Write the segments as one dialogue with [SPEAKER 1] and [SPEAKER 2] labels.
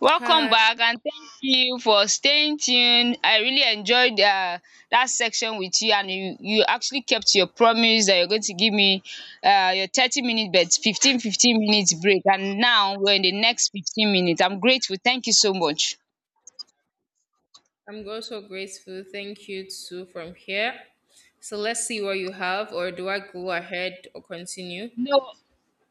[SPEAKER 1] Welcome
[SPEAKER 2] Hi,
[SPEAKER 1] back and thank you for staying tuned. I really enjoyed dat section with you and you actually kept your promise that you're going to give me your 30-minute but fifteen minutes break, and now we're in the next 15 minutes. I'm grateful. Thank you so much.
[SPEAKER 2] I'm also grateful. Thank you too from here. So let's see what you have, or do I go ahead or continue?
[SPEAKER 1] No,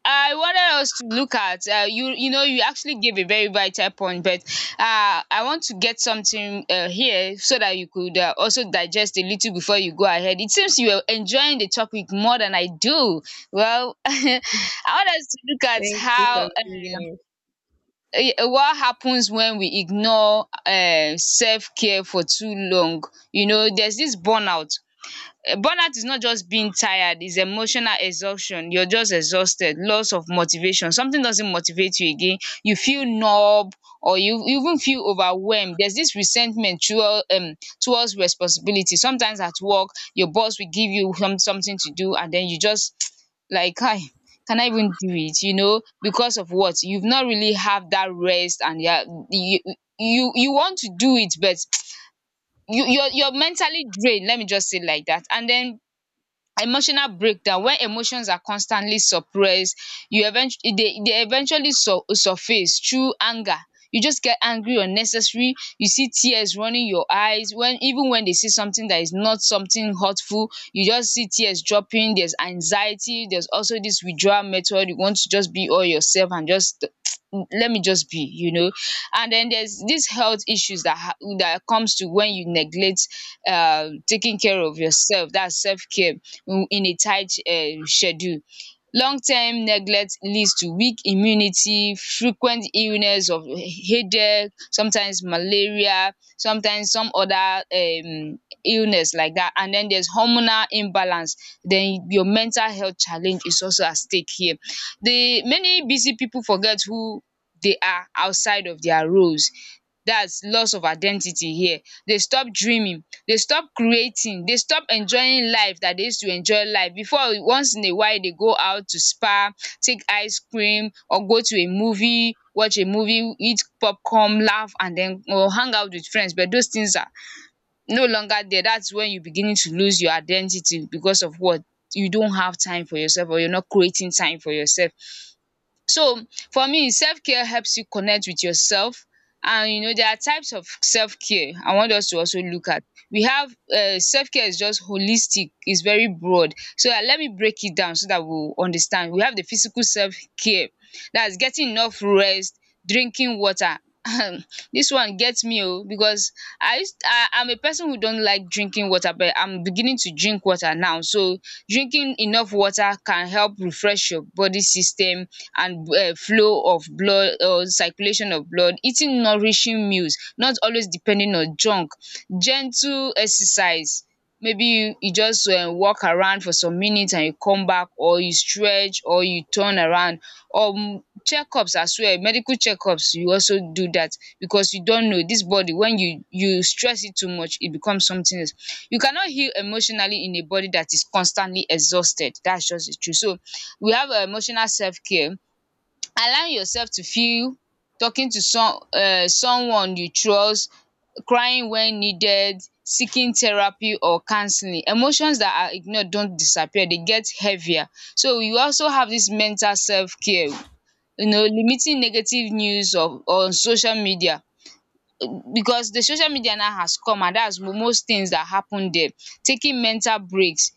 [SPEAKER 1] I wanted us to look at you actually gave a very vital point, but I want to get something here so that you could also digest a little before you go ahead. It seems you are enjoying the topic more than I do. Well, I want us to look at
[SPEAKER 2] Thank you for
[SPEAKER 1] how
[SPEAKER 2] bringing me.
[SPEAKER 1] what happens when we ignore self-care for too long. You know, there's this burnout. Is not just being tired, it's emotional exhaustion. You're just exhausted, loss of motivation, something doesn't motivate you again, you feel numb, or you even feel overwhelmed. There's this resentment towards responsibility, sometimes at work. Your boss will give you something to do, and then you just like kai, can I even do it, because of what you've not really have that rest. And yeah, you you want to do it, but you're mentally drained, let me just say it like that. And then emotional breakdown. When emotions are constantly suppressed, you eventu they eventually surface through anger. You just get angry unnecessary, you see tears running your eyes when even when they see something that is not something hurtful, you just see tears dropping. There's anxiety, there's also this withdrawal method, you want to just be all yourself and just let me just be. And then there's these health issues that comes to when you neglect taking care of yourself, that's self-care, in a tight schedule. Long-term neglect leads to weak immunity, frequent illness of headache, sometimes malaria, sometimes some other illness like that. And then there's hormonal imbalance, then your mental health challenge is also at stake here. The many busy people forget who they are outside of their roles. That's loss of identity here. They stop dreaming, they stop creating, they stop enjoying life that they used to enjoy life before. Once in a while they go out to spa, take ice cream or go to a movie, watch a movie, eat popcorn, laugh, and then or hang out with friends, but those things are no longer there. That's when you beginning to lose your identity because of what? You don't have time for yourself, or you're not creating time for yourself. So for me, self-care helps you connect with yourself. And there are types of self-care I want us to also look at. We have self-care is just holistic, it's very broad. So let me break it down so that we will understand. We have the physical self-care, that's getting enough rest, drinking water. This one gets me oh, because I am a person who don't like drinking water, but I'm beginning to drink water now. So drinking enough water can help refresh your body system and flow of blood or circulation of blood. Eating nourishing meals, not always depending on junk. Gentle exercise, maybe you just walk around for some minutes and you come back, or you stretch, or you turn around. um Checkups as well, medical checkups you also do that because you don't know this body, when you stress it too much it becomes something else. You cannot heal emotionally in a body that is constantly exhausted. That's just the truth. So we have emotional self care, allow yourself to feel, talking to someone you trust, crying when needed, seeking therapy or counseling. Emotions that are ignored don't disappear, they get heavier. So you also have this mental self care, limiting negative news of on social media, because the social media now has come, and that's most things that happen there. Taking mental breaks,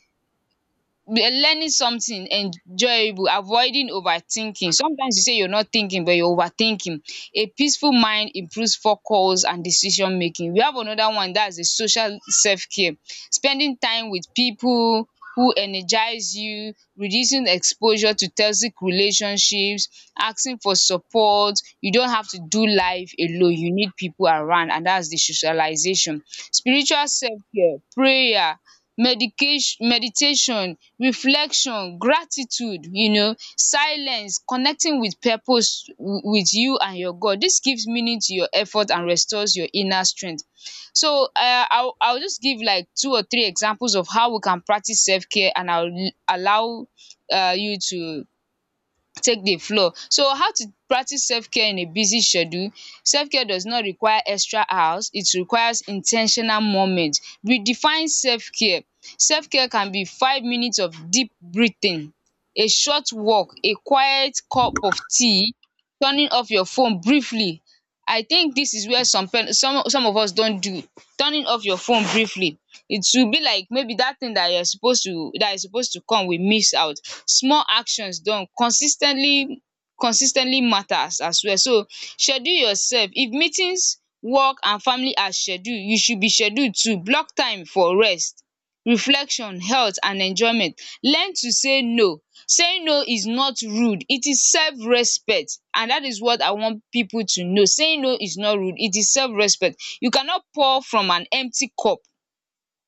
[SPEAKER 1] learning something enjoyable, avoiding overthinking. Sometimes you say you're not thinking but you're overthinking. A peaceful mind improves focus and decision making. We have another one, that's the social self-care, spending time with people who energize you, reducing exposure to toxic relationships, asking for support. You don't have to do life alone, you need people around, and that's the socialization. Spiritual self-care, prayer, medication, meditation, reflection, gratitude, silence, connecting with purpose with you and your God. This gives meaning to your effort and restores your inner strength. So I'll just give like two or three examples of how we can practice self-care, and I'll allow you to take dey floor. So how to practice selfcare in a busy schedule. Selfcare does not require extra hours, it requires in ten tional moment. Redefine selfcare. Selfcare can be 5 minutes of deep breathing, a short walk, a quiet cup of tea, turning off your phone briefly. I think dis is where some of us don do. Turning off your phone briefly. It will be like maybe that thing that is supposed to come, we miss out. Small actions done consistently matters as well. So schedule yourself. If meetings, work and family are scheduled, you should be scheduled too. Block time for rest, reflection, health and enjoyment. Learn to say no. Saying no is not rude, it is self respect, and that is what I want people to know. Saying no is not rude, it is self respect. You cannot pour from an empty cup.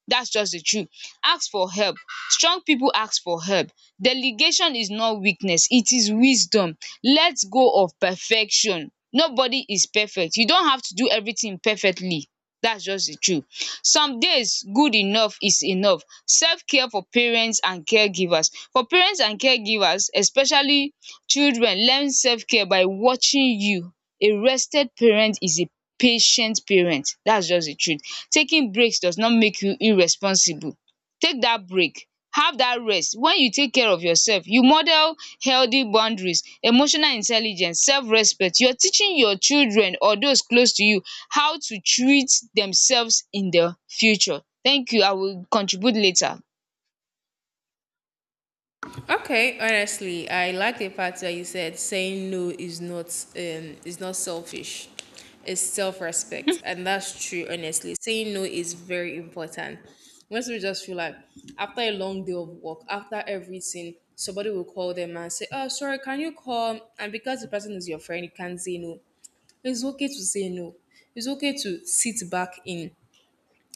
[SPEAKER 1] That's just the truth. Ask for help. Strong people ask for help. Delegation is not weakness, it is wisdom. Let go of perfection. Nobody is perfect. You don't have to do everything perfectly. That's just the truth. Some days, good enough is enough. Self care for parents and caregivers. For parents and caregivers, especially children, learn self care by watching you. A rested parent is a patient parent. That's just the truth. Taking breaks does not make you irresponsible. Take that break. Have that rest. When you take care of yourself, you model healthy boundaries, emotional intelligence, self respect. You're teaching your children or those close to you how to treat themselves in the future. Thank you. I will contribute later.
[SPEAKER 2] Okay, honestly, I like the fact that you said saying no is not is not selfish. It's self-respect, and that's true. Honestly, saying no is very important. Once we just feel like after a long day of work, after everything, somebody will call them and say, "Oh, sorry, can you call?" And because the person is your friend, you can't say no. It's okay to say no. It's okay to sit back in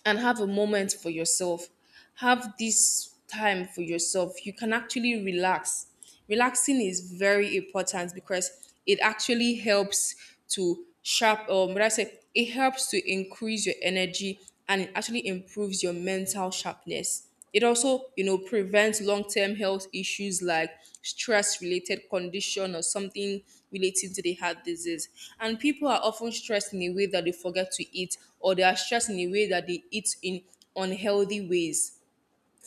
[SPEAKER 2] and have a moment for yourself. Have this time for yourself. You can actually relax. Relaxing is very important because it actually helps to sharp what I say it helps to increase your energy, and it actually improves your mental sharpness. It also, you know, prevents long-term health issues like stress-related condition or something relating to the heart disease. And people are often stressed in a way that they forget to eat, or they are stressed in a way that they eat in unhealthy ways,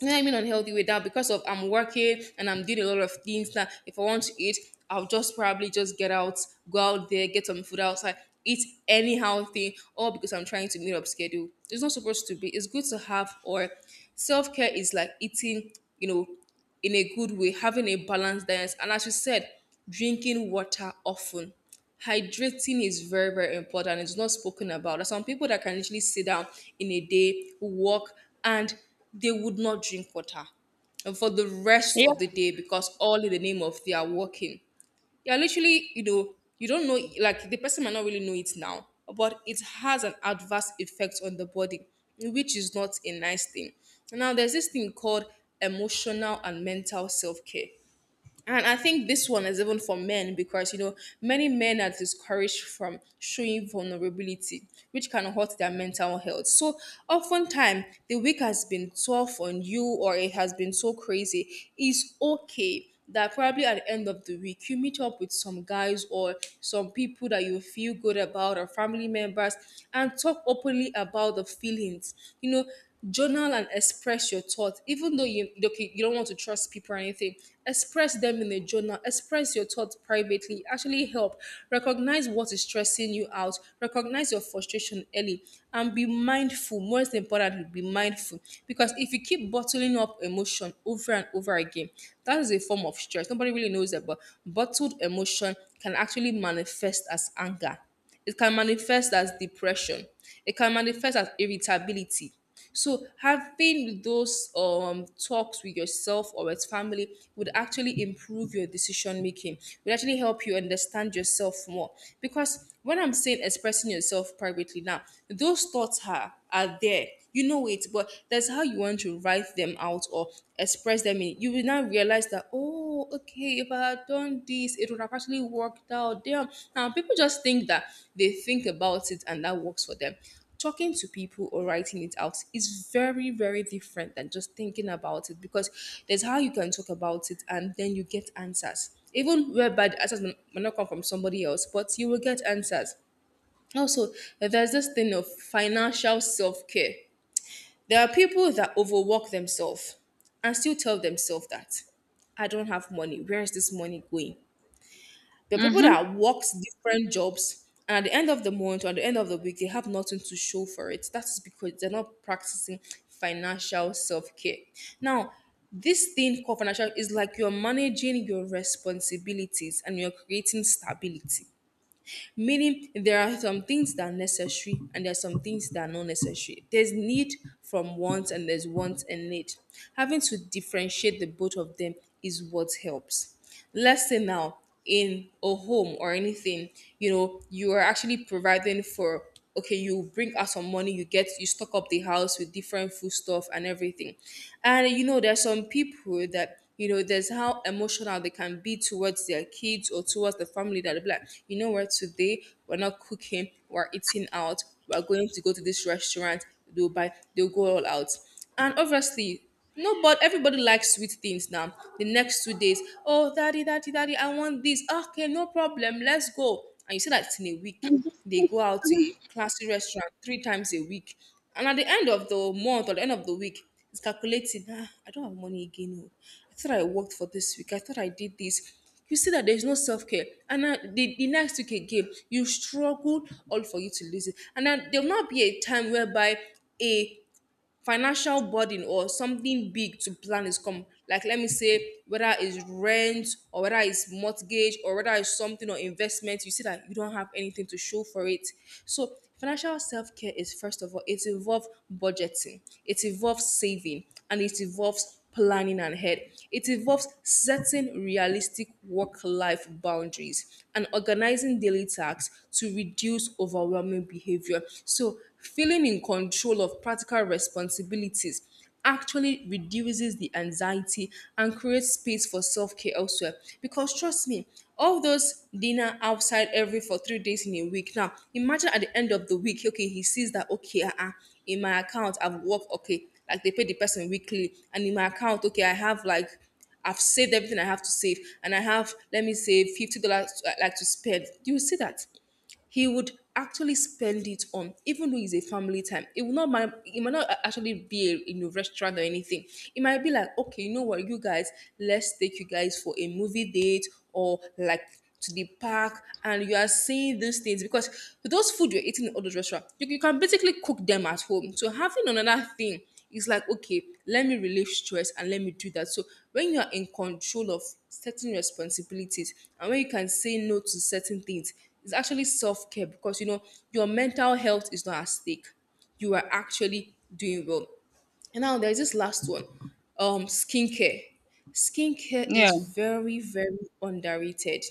[SPEAKER 2] you know what I mean, unhealthy way that because of I'm working and I'm doing a lot of things that if I want to eat, I'll just probably just get out, go out there, get some food outside, eat anyhow thing, all because I'm trying to meet up schedule. It's not supposed to be. It's good to have, or self-care is like eating, you know, in a good way, having a balanced diet. And as you said, drinking water often. Hydrating is very, very important. It's not spoken about. There's some people that can literally sit down in a day, walk, and they would not drink water and for the rest
[SPEAKER 1] Yeah.
[SPEAKER 2] of the day because all in the name of they are working, you're literally, you know, you don't know, like the person might not really know it now, but it has an adverse effect on the body, which is not a nice thing. Now, there's this thing called emotional and mental self care. And I think this one is even for men because, you know, many men are discouraged from showing vulnerability, which can hurt their mental health. So, oftentimes, the week has been tough on you or it has been so crazy. It's okay that probably at the end of the week, you meet up with some guys or some people that you feel good about or family members and talk openly about the feelings. You know, journal and express your thoughts. Even though you okay, you don't want to trust people or anything, express them in a journal, express your thoughts privately, actually help recognize what is stressing you out, recognize your frustration early, and be mindful. Most importantly be mindful, because if you keep bottling up emotion over and over again, that is a form of stress. Nobody really knows that, but bottled emotion can actually manifest as anger, it can manifest as depression. It can manifest as irritability. So having those talks with yourself or with family would actually improve your decision making. Would actually help you understand yourself more. Because when I'm saying expressing yourself privately now, those thoughts are there. You know it, but that's how you want to write them out or express them in. You will now realize that oh, okay, if I had done this, it would have actually worked out. Damn. Now, people just think that they think about it and that works for them. Talking to people or writing it out is very, very different than just thinking about it, because there's how you can talk about it and then you get answers. Even whereby the answers may not come from somebody else, but you will get answers. Also, there's this thing of financial self care. There are people that overwork themselves and still tell themselves that I don't have money. Where is this money going? There are people
[SPEAKER 1] Mm-hmm.
[SPEAKER 2] that worked different jobs and at the end of the month or at the end of the week, they have nothing to show for it. That is because they're not practicing financial self care. Now, this thing called financial is like you're managing your responsibilities and you're creating stability, meaning there are some things that are necessary and there are some things that are not necessary. There's need from wants and there's wants and need. Having to differentiate the both of them is what helps. Let's say now in a home or anything, you know, you are actually providing for, okay, you bring out some money, you get, you stock up the house with different food stuff and everything. And you know there's some people that, you know, there's how emotional they can be towards their kids or towards the family, that they'll be like, you know what, today we're not cooking, we're eating out, we're going to go to this restaurant. They'll buy, they'll go all out, and obviously no, but everybody likes sweet things now. The next 2 days, oh, daddy, daddy, daddy, I want this. Okay, no problem. Let's go. And you see that it's in a week. They go out to a classy restaurant 3 times a week. And at the end of the month or the end of the week, it's calculating, ah, I don't have money again. Oh. I thought I worked for this week. I thought I did this. You see that there's no self care. And now the next week again, you struggle all for you to lose it. And then there'll not be a time whereby a financial burden or something big to plan is come, like let me say whether it's rent or whether it's mortgage or whether it's something or investment, you see that you don't have anything to show for it. So financial self-care is first of all it involves budgeting, it involves saving, and it involves planning ahead. It involves setting realistic work life boundaries and organizing daily tasks to reduce overwhelming behavior. So, feeling in control of practical responsibilities actually reduces the anxiety and creates space for self-care elsewhere, because trust me, all those dinner outside every for 3 days in a week, now imagine at the end of the week, okay, he sees that, okay, in my account I've worked, okay, like they pay the person weekly, and in my account, okay, I have like, I've saved everything I have to save, and I have let me say $50 like to spend. You will see that he would actually spend it on, even though it's a family time, it will not mind, it might not a- actually be a, you know, restaurant or anything. It might be like, okay, you know what, you guys, let's take you guys for a movie date or like to the park. And you are seeing these things because those food you're eating in all those restaurants, you can basically cook them at home. So having another thing is like, okay, let me relieve stress and let me do that. So when you are in control of certain responsibilities and when you can say no to certain things, it's actually self-care, because you know your mental health is not at stake, you are actually doing well. And now there's this last one, skincare. Skincare is
[SPEAKER 1] Yeah.
[SPEAKER 2] very very underrated.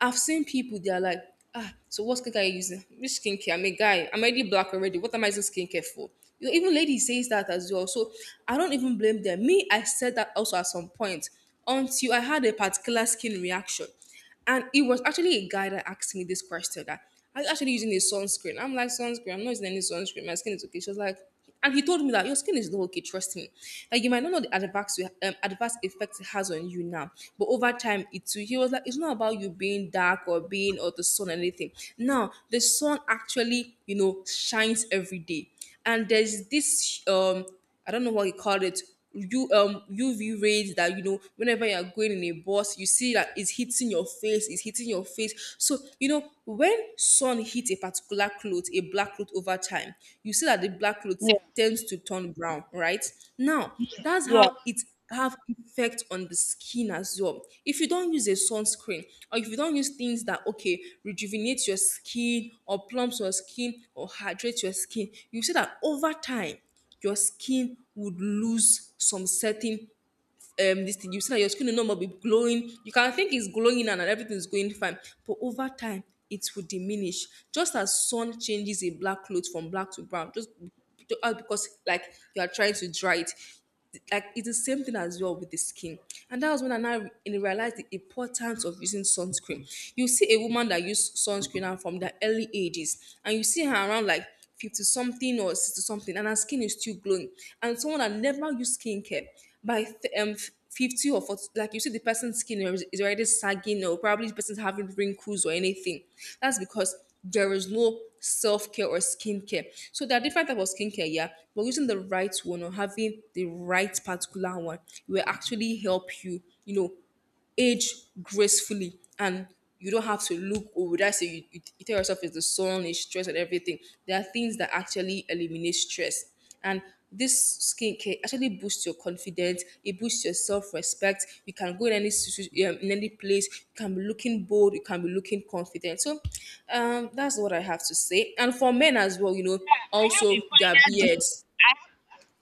[SPEAKER 2] I've seen people, they're like, ah, so what skincare are you using? Which skincare? I'm a guy. I'm already black already. What am I using skincare for? You know, even ladies says that as well. So I don't even blame them. Me, I said that also at some point until I had a particular skin reaction. And it was actually a guy that asked me this question, that I was actually using a sunscreen. I'm like, sunscreen, I'm not using any sunscreen. My skin is okay. She was like, and he told me that your skin is not okay, trust me. Like you might not know the adverse adverse effect it has on you now, but over time it too. He was like, it's not about you being dark or being or the sun or anything. Now the sun actually, you know, shines every day, and there's this I don't know what you call it. You UV rays that, you know, whenever you're going in a bus, you see that it's hitting your face, it's hitting your face. So you know when sun hits a particular cloth, a black cloth, over time, you see that the black cloth
[SPEAKER 1] Yes.
[SPEAKER 2] tends to turn brown, right? Now that's
[SPEAKER 1] Yeah.
[SPEAKER 2] how it have effect on the skin as well. If you don't use a sunscreen or if you don't use things that okay rejuvenate your skin or plump your skin or hydrate your skin, you see that over time your skin would lose some certain this thing. You see that your skin will no more be glowing. You can think it's glowing and everything's going fine, but over time it will diminish. Just as sun changes a black cloth from black to brown, just because like you are trying to dry it. Like it's the same thing as well with the skin, and that was when I now realized the importance of using sunscreen. You see a woman that used sunscreen and from the early ages, and you see her around like 50 something or 60 something and her skin is still glowing, and someone that never used skincare by 50 or 40, like you see the person's skin is already sagging or probably the person's having wrinkles or anything. That's because there is no self-care or skincare. So there are different type of skincare, yeah, but using the right one or having the right particular one will actually help you, you know, age gracefully. And you don't have to look, or would I say you, you tell yourself it's the sun, it's stress and everything. There are things that actually eliminate stress. And this skincare actually boosts your confidence, it boosts your self-respect. You can go in any in any place, you can be looking bold, you can be looking confident. So that's what I have to say. And for men as well, you know,
[SPEAKER 1] I have
[SPEAKER 2] also their
[SPEAKER 1] a final
[SPEAKER 2] beards.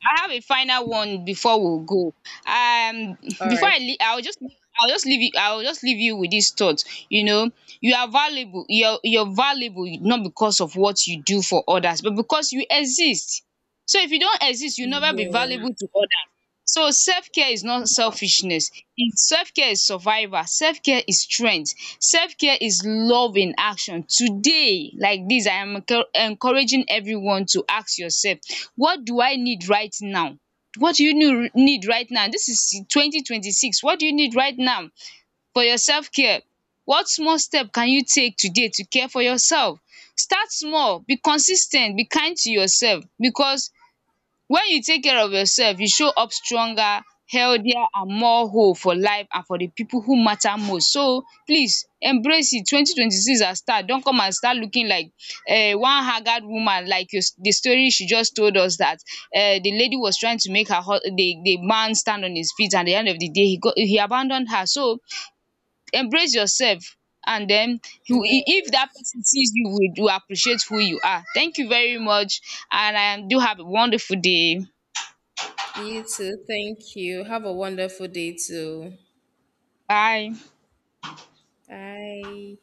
[SPEAKER 1] I have a final one before we go. Um
[SPEAKER 2] All
[SPEAKER 1] Before
[SPEAKER 2] right.
[SPEAKER 1] I lea- I'll just leave you I'll just leave you with this thought. You know, you are valuable. You're valuable not because of what you do for others, but because you exist. So if you don't exist, you'll never be
[SPEAKER 2] Yeah.
[SPEAKER 1] valuable to others. So self-care is not selfishness. It Self-care is survival. Self-care is strength. Self-care is love in action. Today, like this, I am encouraging everyone to ask yourself, what do I need right now? What do you need right now? This is 2026. What do you need right now for your self-care? What small step can you take today to care for yourself? Start small, be consistent. Be kind to yourself, because when you take care of yourself, you show up stronger, healthier and more whole for life and for the people who matter most. So please embrace it. 2026 has start. Don't come and start looking like one haggard woman like your the story she just told us that the lady was trying to make her the man stand on his feet, and at the end of the day he abandoned her. So embrace yourself, and den if that
[SPEAKER 2] Yeah.
[SPEAKER 1] person sees you, will appreciate who you are. Thank you very much, and I do have a wonderful day.
[SPEAKER 2] You too. Thank you. Have a wonderful day too.
[SPEAKER 1] Bye.
[SPEAKER 2] Bye.